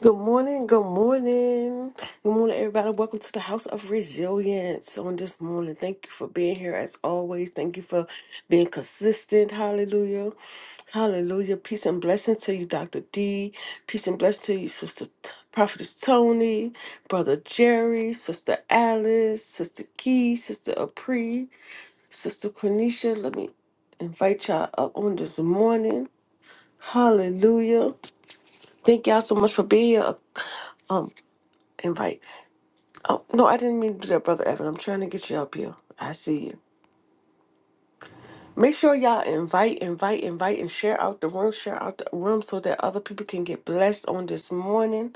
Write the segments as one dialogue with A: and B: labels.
A: Good morning, good morning. Good morning, everybody. Welcome to the House of Resilience on this morning. Thank you for being here as always. Thank you for being consistent. Hallelujah. Hallelujah. Peace and blessing to you, Dr. D. Peace and blessing to you, Sister T- Prophetess Tony, Brother Jerry, Sister Alice, Sister Key, Sister Apri, Sister Cornisha. Let me invite y'all up on this morning. Hallelujah. Thank y'all so much for being here. Um, invite. Oh no, I didn't mean to do that, brother Evan. I'm trying to get you up here. I see you. Make sure y'all invite, invite, invite, and share out the room, share out the room so that other people can get blessed on this morning.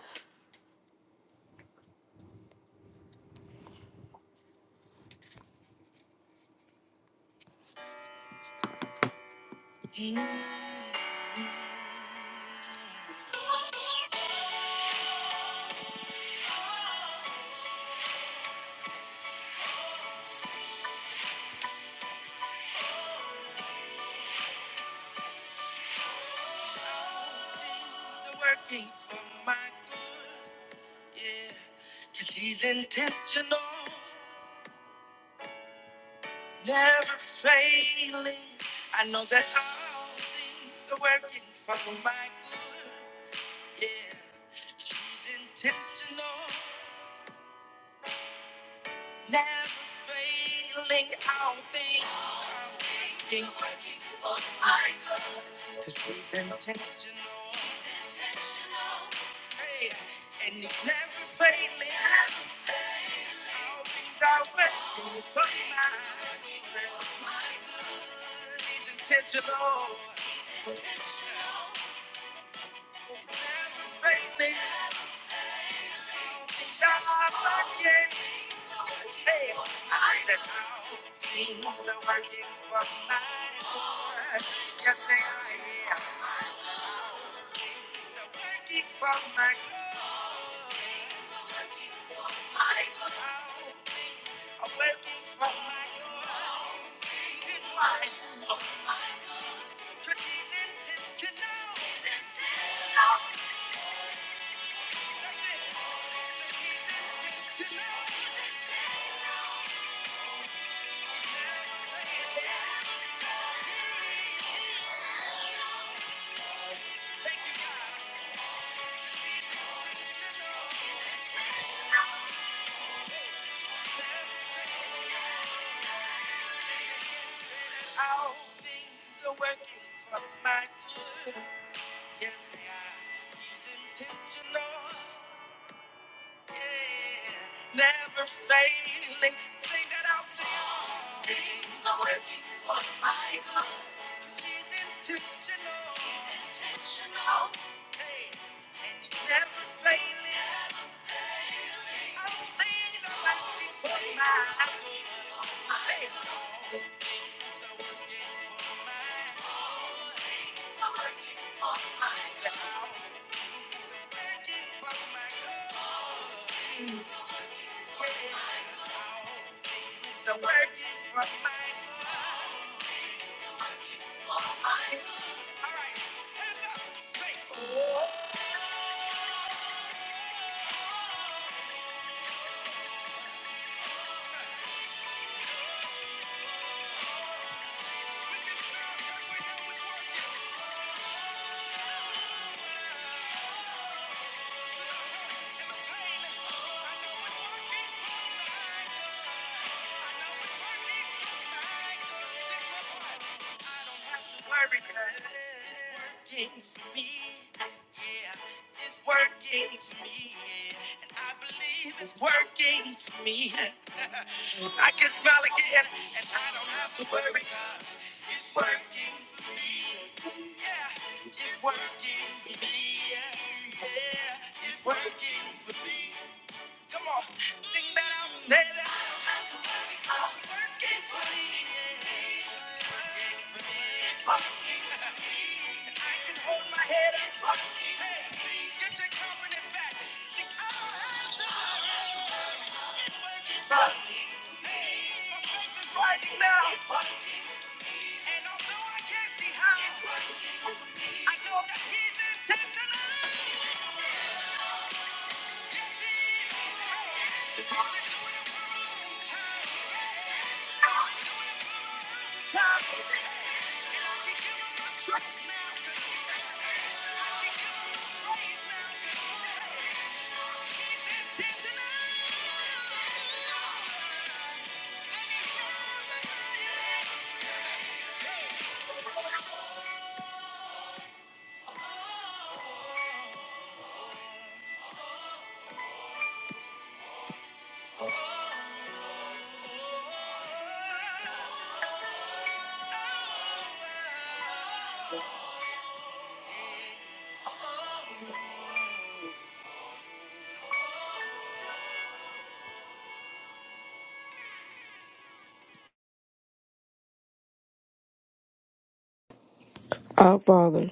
B: Our Father,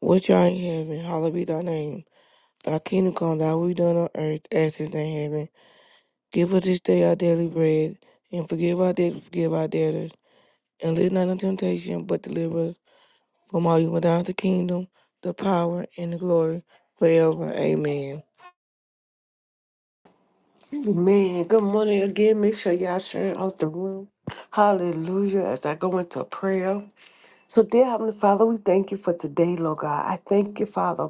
B: which art in heaven, hallowed be thy name. Thy kingdom come, thy will be done on earth as it is in heaven. Give us this day our daily bread, and forgive our debts, forgive our debtors. And lead us not into temptation, but deliver us from all evil. Thou art the kingdom, the power, and the glory forever. Amen.
A: Man, good morning again. Make sure y'all share out the room. Hallelujah. As I go into prayer. So, dear Heavenly Father, we thank you for today, Lord God. I thank you, Father.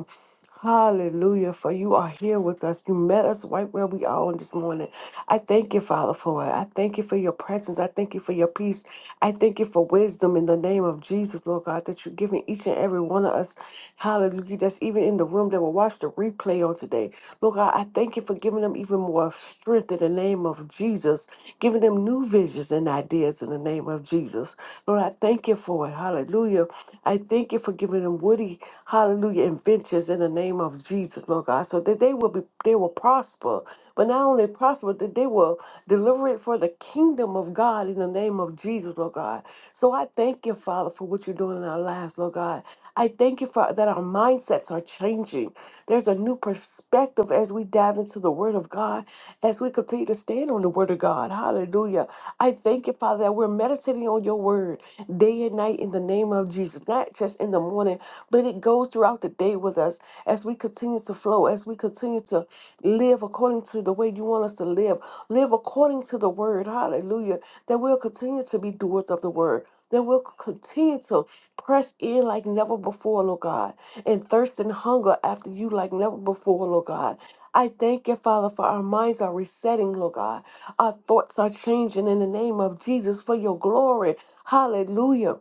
A: Hallelujah, for you are here with us. You met us right where we are on this morning. I thank you, Father, for it. I thank you for your presence. I thank you for your peace. I thank you for wisdom in the name of Jesus, Lord God, that you're giving each and every one of us. Hallelujah, that's even in the room that will watch the replay on today. Lord God, I thank you for giving them even more strength in the name of Jesus giving them new visions and ideas in the name of Jesus. Lord, I thank you for it. Hallelujah. I thank you for giving them woody, hallelujah, inventions in the name of Jesus, Lord God, so that they will be they will prosper. But not only prosper, that they will deliver it for the kingdom of God in the name of Jesus, Lord God. So I thank you, Father, for what you're doing in our lives, Lord God. I thank you for that our mindsets are changing. There's a new perspective as we dive into the Word of God as we continue to stand on the word of God. Hallelujah. I thank you, Father, that we're meditating on your word day and night in the name of Jesus, not just in the morning, but it goes throughout the day with us as we continue to flow, as we continue to live according to the way you want us to live, live according to the word. Hallelujah. That we'll continue to be doers of the word. That we'll continue to press in like never before, Lord God, and thirst and hunger after you like never before, Lord God I thank you, Father, for our minds are resetting, Lord God. Our thoughts are changing in the name of Jesus for your glory. Hallelujah.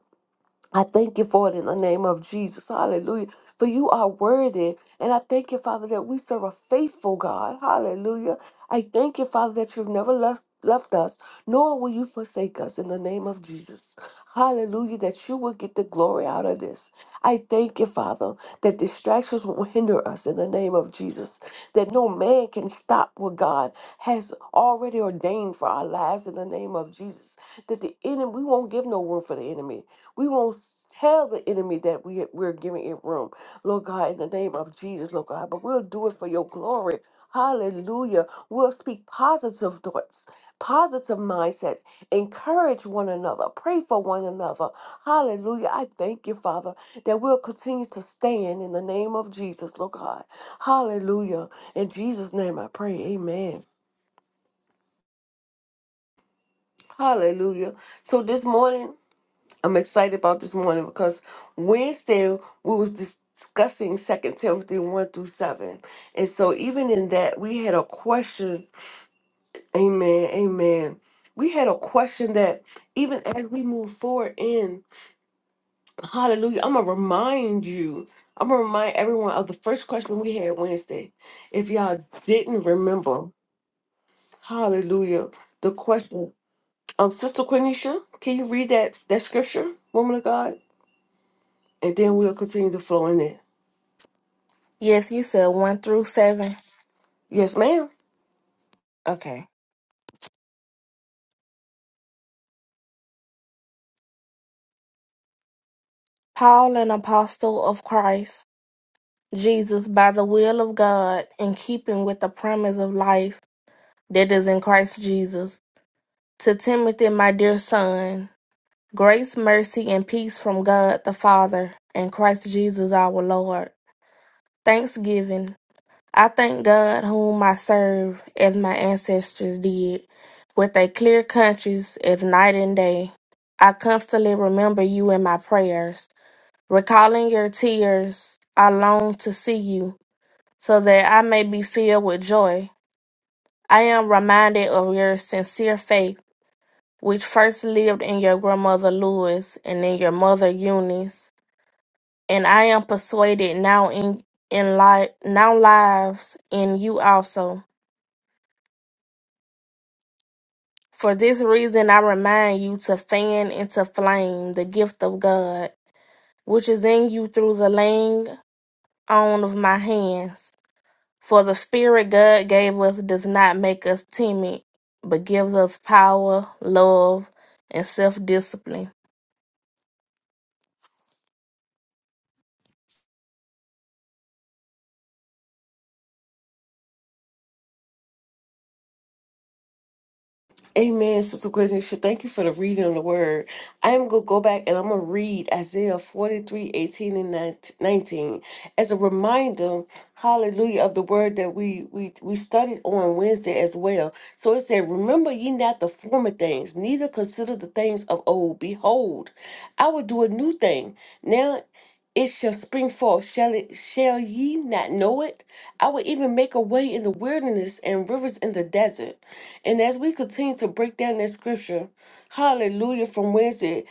A: I thank you for it in the name of Jesus. Hallelujah. For you are worthy. And I thank you, Father, that we serve a faithful God. Hallelujah. I thank you, Father, that you've never left, left us, nor will you forsake us in the name of Jesus. Hallelujah. That you will get the glory out of this. I thank you, Father, that distractions will hinder us in the name of Jesus. That no man can stop what God has already ordained for our lives in the name of Jesus. That the enemy, we won't give no room for the enemy we won't s- tell the enemy that we, we're giving it room, Lord God, in the name of Jesus, Lord God, but we'll do it for your glory. Hallelujah. We'll speak positive thoughts, positive mindset, encourage one another, pray for one another. Hallelujah. I thank you, Father, that we'll continue to stand in the name of Jesus, Lord God. Hallelujah. In Jesus' name I pray. Amen. Hallelujah. So this morning, I'm excited about this morning because Wednesday we was discussing Second Timothy one through seven, and so even in that we had a question. Amen. Amen. We had a question that even as we move forward in Hallelujah, I'm gonna remind you. I'm gonna remind everyone of the first question we had Wednesday. If y'all didn't remember, Hallelujah, the question. Um, Sister Quenisha, can you read that that scripture, woman of God? and then we'll continue to flow in it.
C: Yes, you said one through seven.
A: Yes, ma'am.
C: Okay. Paul, an apostle of Christ Jesus, by the will of God, in keeping with the promise of life that is in Christ Jesus, to Timothy, my dear son, grace, mercy, and peace from God the Father and Christ Jesus our Lord. Thanksgiving. I thank God whom I serve as my ancestors did, with a clear conscience as night and day. I constantly remember you in my prayers Recalling your tears, I long to see you, so that I may be filled with joy. I am reminded of your sincere faith, which first lived in your grandmother Louis and in your mother Eunice, and I am persuaded now in in life now lives in you also. For this reason, I remind you to fan into flame the gift of God, which is in you through the laying on of my hands. For the Spirit God gave us does not make us timid, but gives us power, love, and self discipline.
A: Amen, Sister Gwendolyn. Thank you for the reading of the word. I am going to go back and I'm going to read Isaiah 43 18 and 19 as a reminder, hallelujah, of the word that we, we, we studied on Wednesday as well. So it said, Remember ye not the former things, neither consider the things of old. Behold, I will do a new thing. Now it shall spring forth. Shall it shall ye not know it? I will even make a way in the wilderness and rivers in the desert. And as we continue to break down that scripture, hallelujah, from Wednesday,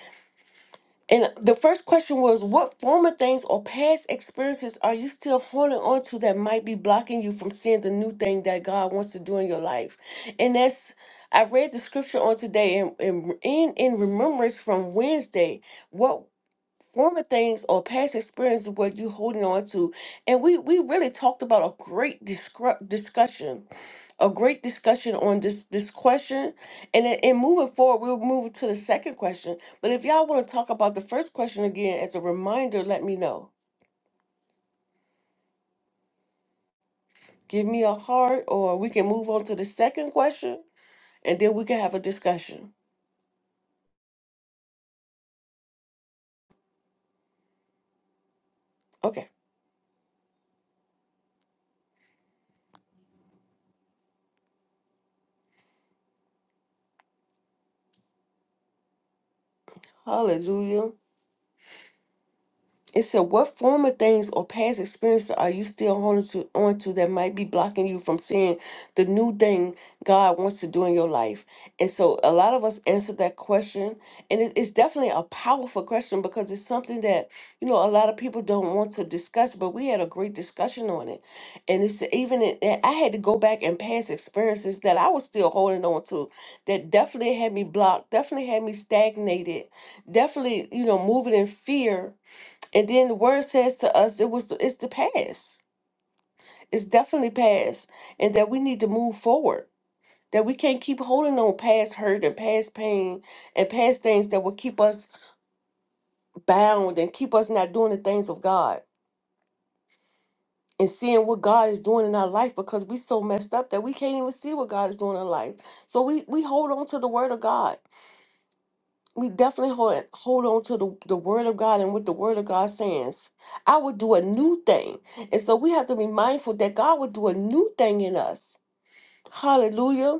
A: and the first question was, What former things or past experiences are you still holding on to that might be blocking you from seeing the new thing that God wants to do in your life? And that's I read the scripture on today and in, in, in remembrance from Wednesday, what former things or past experiences were you holding on to? And we we really talked about a great discru- discussion a great discussion on this this question and then- and moving forward we'll move to the second question but if y'all want to talk about the first question again as a reminder let me know give me a heart or we can move on to the second question and then we can have a discussion okay hallelujah It said, What former things or past experiences are you still holding to, on to that might be blocking you from seeing the new thing God wants to do in your life? And so a lot of us answer that question. And it- it's definitely a powerful question because it's something that, you know, a lot of people don't want to discuss, but we had a great discussion on it. And it's even, in- and I had to go back and past experiences that I was still holding on to that definitely had me blocked, definitely had me stagnated, definitely, you know, moving in fear and then the word says to us, it was the, it's the past. It's definitely past, and that we need to move forward. That we can't keep holding on past hurt and past pain and past things that will keep us bound and keep us not doing the things of God and seeing what God is doing in our life because we so messed up that we can't even see what God is doing in our life. So we we hold on to the word of God we definitely hold hold on to the, the word of God and what the word of God says. I would do a new thing. And so we have to be mindful that God would do a new thing in us. Hallelujah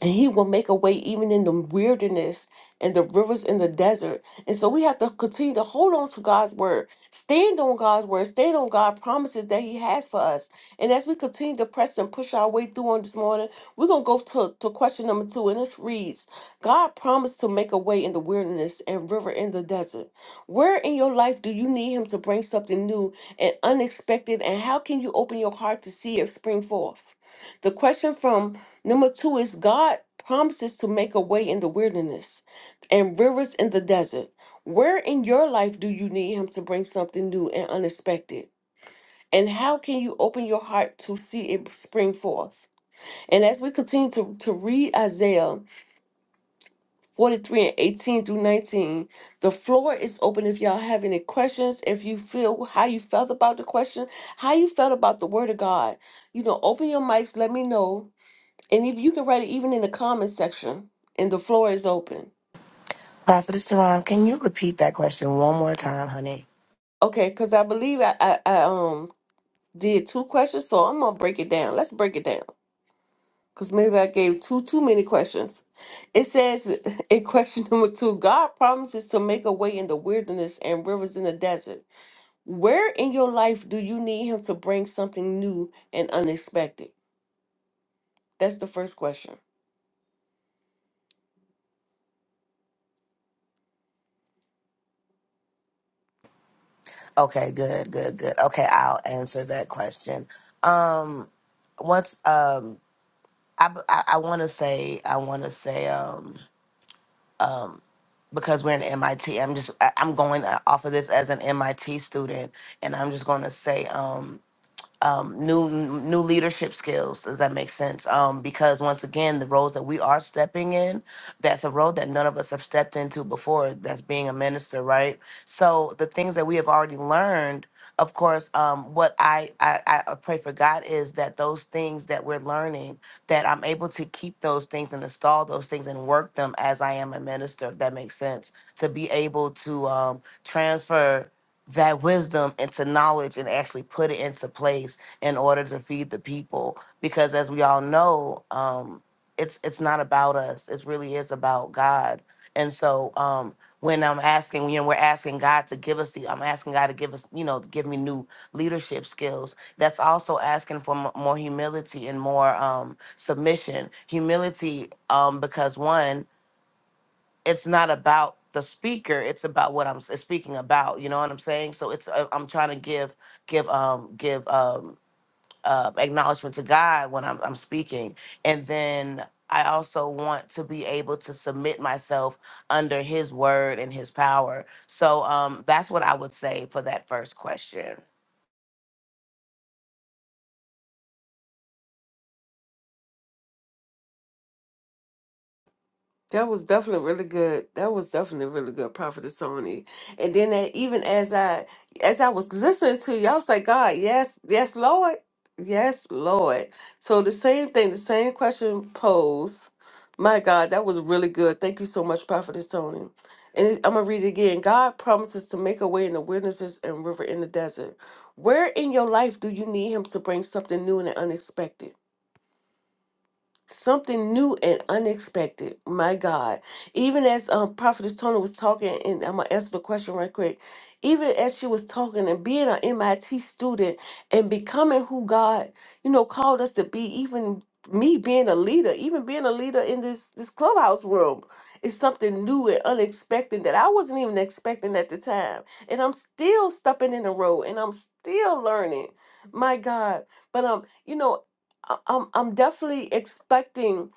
A: and he will make a way even in the wilderness and the rivers in the desert. And so we have to continue to hold on to God's word, stand on God's word, stand on God's promises that he has for us. And as we continue to press and push our way through on this morning, we're going to go to, to question number two. And this reads God promised to make a way in the wilderness and river in the desert. Where in your life do you need him to bring something new and unexpected? And how can you open your heart to see it spring forth? The question from Number two is God promises to make a way in the wilderness and rivers in the desert. Where in your life do you need Him to bring something new and unexpected? And how can you open your heart to see it spring forth? And as we continue to, to read Isaiah 43 and 18 through 19, the floor is open if y'all have any questions, if you feel how you felt about the question, how you felt about the word of God. You know, open your mics, let me know and if you can write it even in the comment section, and the floor is open.
D: Prophetess Teron, can you repeat that question one more time, honey?
A: Okay, because I believe I, I, I um did two questions, so I'm gonna break it down. Let's break it down. Because maybe I gave too too many questions. It says in question number two, God promises to make a way in the wilderness and rivers in the desert. Where in your life do you need him to bring something new and unexpected? That's the first question.
D: Okay, good, good, good. Okay, I'll answer that question. Um, what's um, I I, I want to say I want to say um um because we're in MIT, I'm just I, I'm going uh, off of this as an MIT student, and I'm just going to say um um, new new leadership skills. Does that make sense? Um, because once again, the roles that we are stepping in, that's a role that none of us have stepped into before. That's being a minister, right? So the things that we have already learned, of course, um, what I, I I pray for God is that those things that we're learning, that I'm able to keep those things and install those things and work them as I am a minister. If that makes sense, to be able to um, transfer that wisdom into knowledge and actually put it into place in order to feed the people because as we all know um it's it's not about us it really is about god and so um when i'm asking you know we're asking god to give us the i'm asking god to give us you know give me new leadership skills that's also asking for m- more humility and more um submission humility um because one it's not about the speaker it's about what i'm s- speaking about you know what i'm saying so it's uh, i'm trying to give give um give um uh, acknowledgement to god when I'm, I'm speaking and then i also want to be able to submit myself under his word and his power so um that's what i would say for that first question
A: That was definitely really good. That was definitely really good, Prophet Sony. And then that, even as I as I was listening to you, I was like, God, yes, yes, Lord, yes, Lord. So the same thing, the same question posed. My God, that was really good. Thank you so much, Prophet Sony. And it- I'm gonna read it again. God promises to make a way in the wilderness and river in the desert. Where in your life do you need Him to bring something new and unexpected? something new and unexpected. My God. Even as um, Prophetess Tony was talking, and I'm going to answer the question right quick. Even as she was talking and being an MIT student and becoming who God, you know, called us to be, even me being a leader, even being a leader in this this clubhouse room is something new and unexpected that I wasn't even expecting at the time. And I'm still stepping in the road and I'm still learning. My God. But um, you know, I- I'm I'm definitely expecting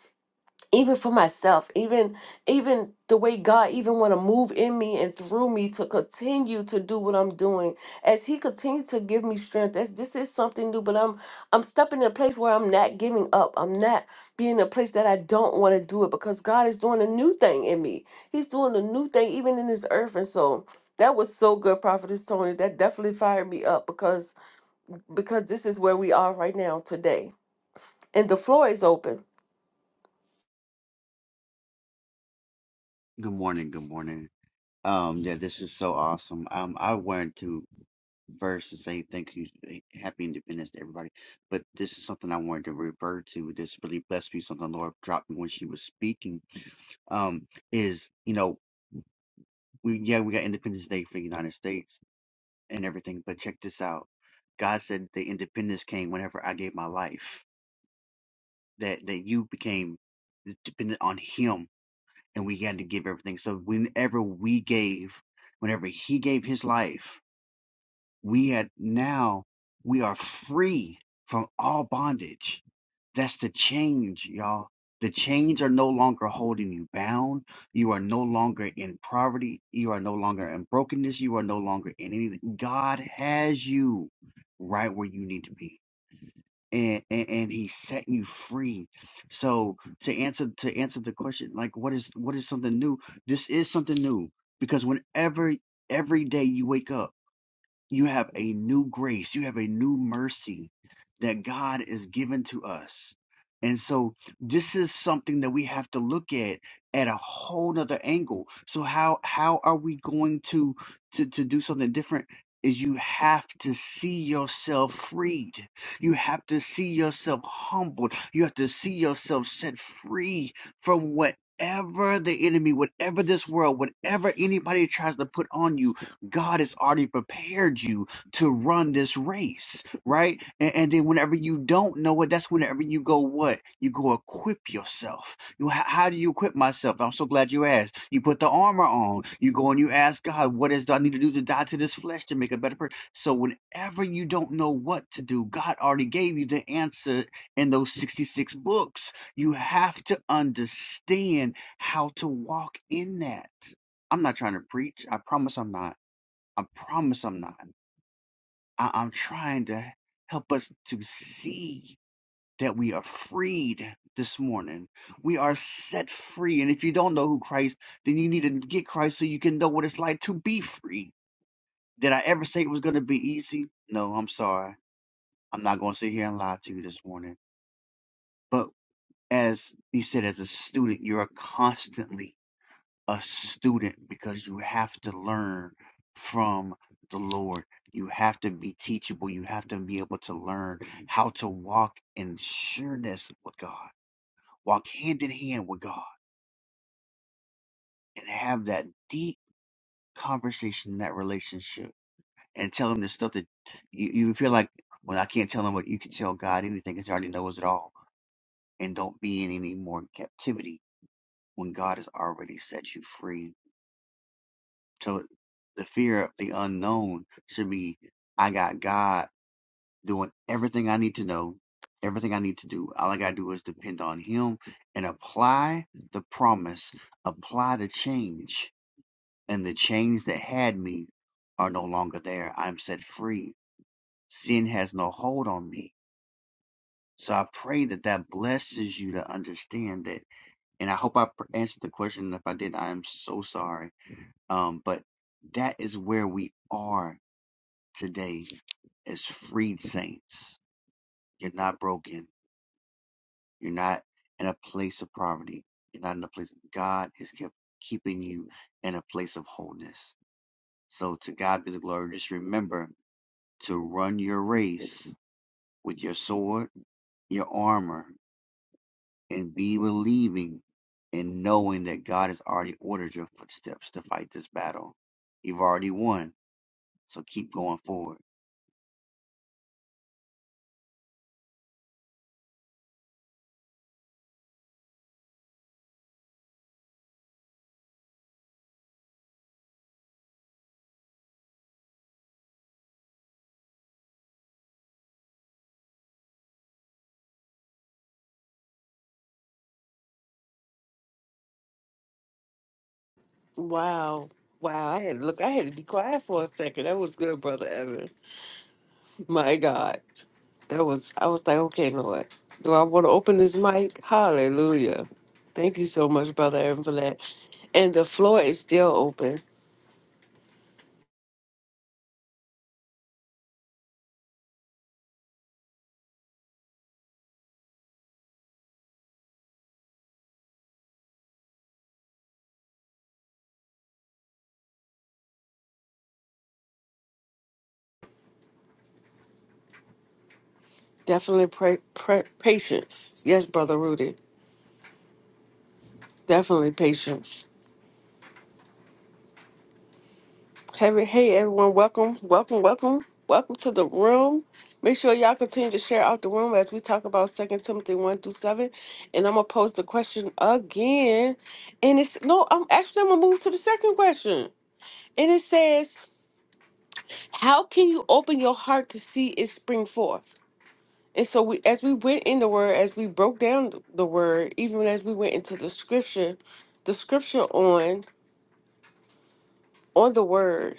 A: even for myself, even even the way God even want to move in me and through me to continue to do what I'm doing as He continues to give me strength. As this is something new, but I'm I'm stepping in a place where I'm not giving up. I'm not being in a place that I don't want to do it because God is doing a new thing in me. He's doing a new thing even in this earth, and so. That was so good, Prophetess Tony. That definitely fired me up because because this is where we are right now today and the floor is open.
E: Good morning. Good morning. Um, yeah, this is so awesome. Um, I wanted to verse and say thank you, eh, happy independence to everybody. But this is something I wanted to revert to. This really blessed me. Something the Lord dropped me when she was speaking. Um, is you know we yeah we got Independence Day for the United States and everything, but check this out. God said the independence came whenever I gave my life. That that you became dependent on Him and we had to give everything. So whenever we gave, whenever he gave his life, we had now we are free from all bondage. That's the change, y'all. The chains are no longer holding you bound. You are no longer in poverty. You are no longer in brokenness. You are no longer in anything. God has you right where you need to be and, and and he set you free so to answer to answer the question like what is what is something new this is something new because whenever every day you wake up you have a new grace, you have a new mercy that God is given to us. And so this is something that we have to look at at a whole nother angle. So how how are we going to to, to do something different? Is you have to see yourself freed. You have to see yourself humbled. You have to see yourself set free from whatever the enemy, whatever this world, whatever anybody tries to put on you, God has already prepared you to run this race, right? And, and then whenever you don't know it, that's whenever you go what? You go equip yourself. You, how, how do you equip myself? I'm so glad you asked. You put the armor on. You go and you ask God, what is do I need to do to die to this flesh to make a better person? So whenever you don't know what to do, God already gave you the answer in those 66 books. You have to understand how to walk in that. I'm not trying to preach. I promise I'm not. I promise I'm not. I, I'm trying to help us to see that we are freed this morning. We are set free. And if you don't know who Christ, then you need to get Christ so you can know what it's like to be free. Did I ever say it was going to be easy? No, I'm sorry. I'm not going to sit here and lie to you this morning. But as you said, as a student, you are constantly a student because you have to learn from the Lord. You have to be teachable. You have to be able to learn how to walk in sureness with God, walk hand in hand with God, and have that deep conversation, that relationship, and tell Him the stuff that you, you feel like, well, I can't tell Him but you can tell God anything because He already knows it all. And don't be in any more captivity when God has already set you free So the fear of the unknown should be I got God doing everything I need to know, everything I need to do. All I got to do is depend on Him and apply the promise, apply the change. And the chains that had me are no longer there. I'm set free. Sin has no hold on me. So I pray that that blesses you to understand that. And I hope I pr- answered the question. If I did, I am so sorry. Um, but that is where we are today as freed saints. You're not broken. You're not in a place of poverty. You're not in a place of God is kept keeping you in a place of wholeness. So to God be the glory. Just remember to run your race with your sword, your armor, and be believing and knowing that God has already ordered your footsteps to fight this battle. You've already won. So keep going forward.
A: Wow. Wow. I had to look I had to be quiet for a second. That was good, brother Evan. My God. That was I was like, okay, Lord. Do I want to open this mic? Hallelujah. Thank you so much, brother Evan, for that. And the floor is still open. Definitely pray, pray, patience. Yes, brother Rudy. Definitely patience. Hey, hey, everyone. Welcome, welcome, welcome, welcome to the room. Make sure y'all continue to share out the room as we talk about Second Timothy 1 through 7. And I'm going to pose the question again. And it's no, I'm actually, I'm going to move to the second question. And it says, How can you open your heart to see it spring forth? And so, we, as we went in the word, as we broke down th- the word, even as we went into the scripture, the scripture on on the word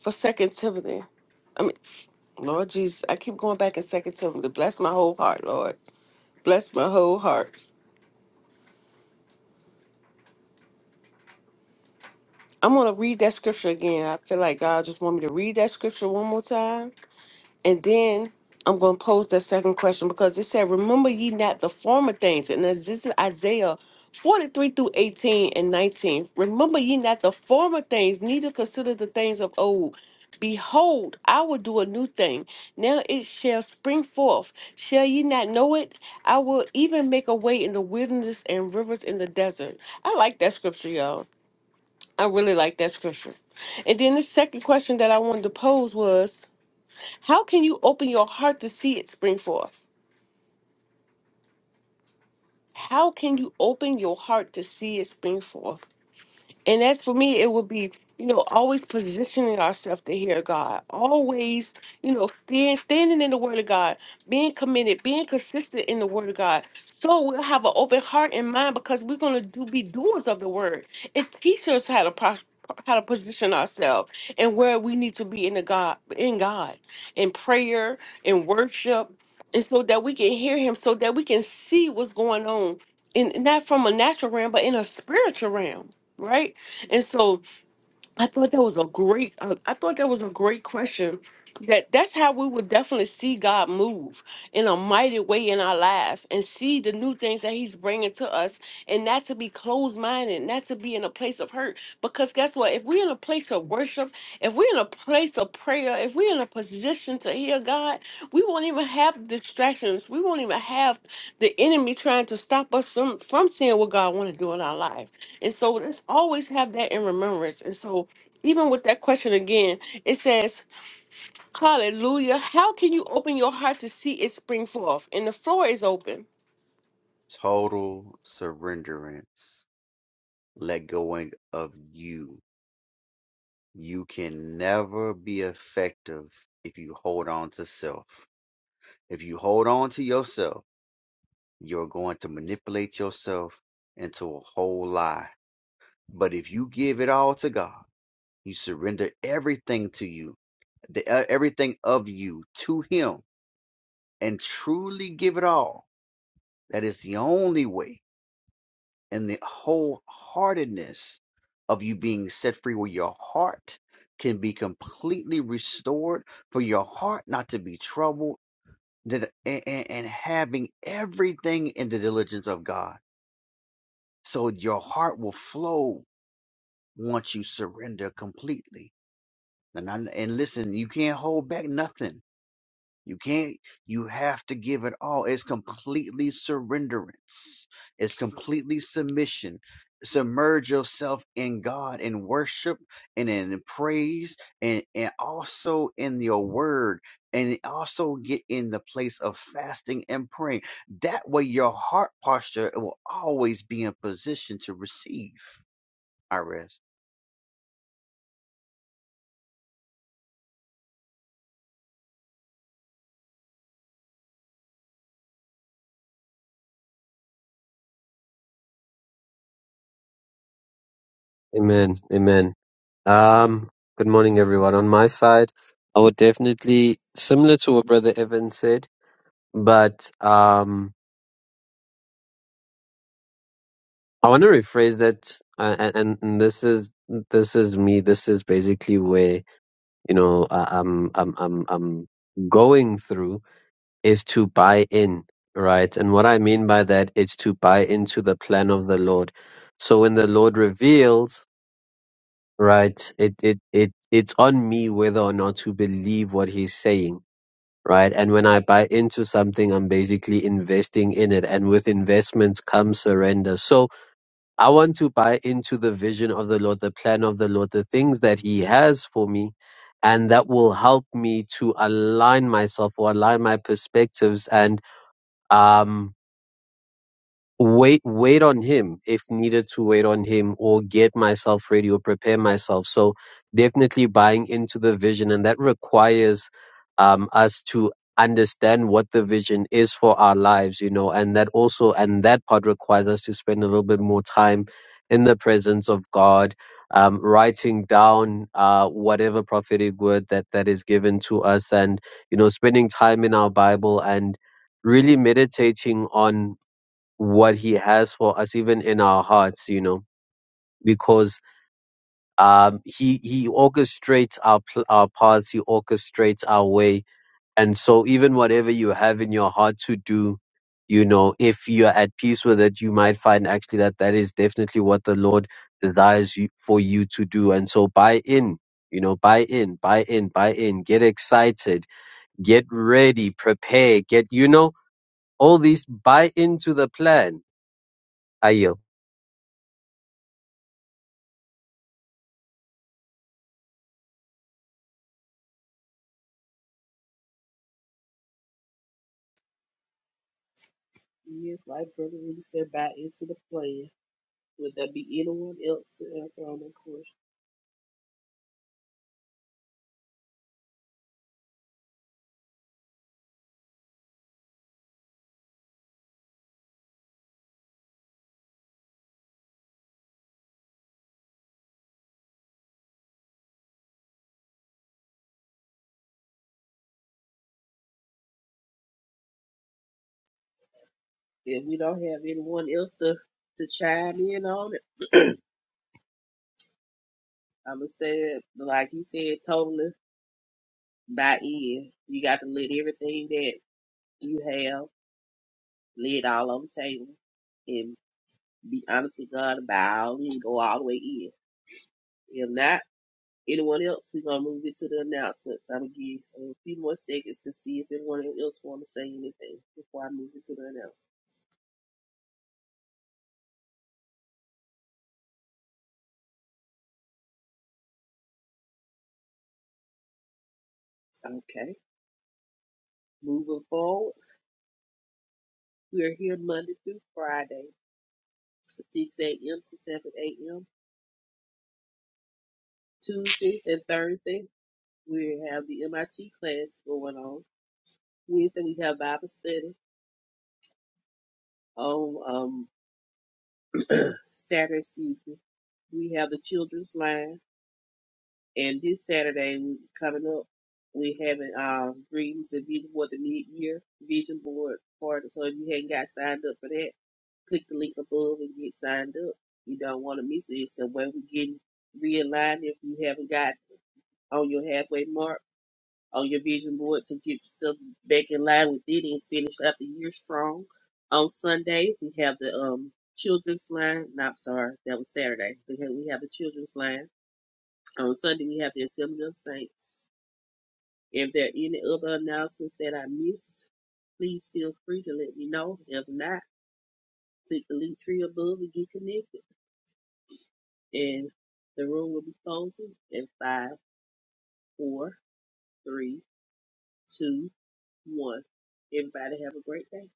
A: for Second Timothy. I mean, Lord Jesus, I keep going back and second to him to bless my whole heart, Lord. Bless my whole heart. I'm gonna read that scripture again. I feel like God just want me to read that scripture one more time. And then I'm going to pose that second question because it said, Remember ye not the former things. And this this is Isaiah 43 through 18 and 19. Remember ye not the former things, neither consider the things of old. Behold, I will do a new thing. Now it shall spring forth. Shall ye not know it? I will even make a way in the wilderness and rivers in the desert. I like that scripture, y'all. I really like that scripture. And then the second question that I wanted to pose was how can you open your heart to see it spring forth? How can you open your heart to see it spring forth? And as for me, it would be, you know, always positioning ourselves to hear God, always, you know, stand, standing in the Word of God, being committed, being consistent in the Word of God. So we'll have an open heart and mind because we're going to do, be doers of the Word. It teaches us how to pros- how to position ourselves and where we need to be in the God, in God, in prayer, in worship, and so that we can hear Him, so that we can see what's going on, and not from a natural realm, but in a spiritual realm, right? And so I thought that was a great, uh, I thought that was a great question. That that's how we would definitely see God move in a mighty way in our lives and see the new things that He's bringing to us, and not to be closed minded, not to be in a place of hurt. Because guess what? If we're in a place of worship, if we're in a place of prayer, if we're in a position to hear God, we won't even have distractions. We won't even have the enemy trying to stop us from from seeing what God want to do in our life. And so let's always have that in remembrance. And so even with that question again, it says, Hallelujah. How can you open your heart to see it spring forth? And the floor is open.
E: Total surrenderance let going of you. You can never be effective if you hold on to self. If you hold on to yourself, you're going to manipulate yourself into a whole lie. But if you give it all to God, you surrender everything to you, the, uh, everything of you to Him, and truly give it all, that is the only way and the wholeheartedness of you being set free where your heart can be completely restored for your heart not to be troubled that- and, and and having everything in the diligence of God. So your heart will flow once you surrender completely. And, I, and listen, you can't hold back nothing You can't, you have to give it all. It's completely surrenderance, it's completely submission. Submerge yourself in God in worship and in praise and, and also in your word and also get in the place of fasting and praying. That way, your heart posture will always be in position to receive. I rest.
F: Amen. Amen. Um, good morning, everyone. On my side, I would definitely, similar to what Brother Evan said, but um, I want to rephrase that. Uh, and, and and this is this is me. This is basically where you know I, I'm I'm I'm I'm going through is to buy in, right? And what I mean by that is to buy into the plan of the Lord. So when the Lord reveals. right? It it it it's on me whether or not to believe what he's saying, right? And when I buy into something, I'm basically investing in it, and with investments comes surrender. So I want to buy into the vision of the Lord, the plan of the Lord, the things that He has for me. And that will help me to align myself or align my perspectives and um, wait wait on him if needed to wait on him or get myself ready or prepare myself so definitely buying into the vision and that requires um us to understand what the vision is for our lives you know and that also and that part requires us to spend a little bit more time in the presence of god um writing down uh whatever prophetic word that that is given to us and you know spending time in our bible and really meditating on what he has for us even in our hearts you know because um he he orchestrates our pl- our paths he orchestrates our way and so even whatever you have in your heart to do you know if you're at peace with it you might find actually that that is definitely what the lord desires you, for you to do and so buy in you know buy in buy in buy in get excited get ready prepare get you know all these buy into the plan Ayo.
G: Yes, like Brother Rudy said, buy into the plan. Would there be anyone else to answer on that question? If we don't have anyone else to, to chime in on it, I'm going to say, it, like he said, totally buy in. You got to let everything that you have, lay it all on the table and be honest with God about all and go all the way in. If not, anyone else, we're going to move into the announcements. I'm going to give a few more seconds to see if anyone else want to say anything before I move into the announcements. Okay, moving forward, we are here Monday through Friday, 6 a.m. to 7 a.m. Tuesdays and Thursdays, we have the MIT class going on. Wednesday, we have Bible study. On um, Saturday, excuse me, we have the children's line. And this Saturday we- coming up, we having um dreams and vision board the mid year vision board party. So if you hadn't got signed up for that, click the link above and get signed up. You don't want to miss it. So when we get realigned, if you haven't got on your halfway mark on your vision board to get yourself back in line with it and finish out the year strong. On Sunday we have the um children's line. No, I'm sorry, that was Saturday. We have, we have the children's line. On Sunday, we have the Assembly of Saints. If there are any other announcements that I missed, please feel free to let me know. If not, click the link tree above and get connected. And the room will be closing in five, four, three, two, one. Everybody have a great day.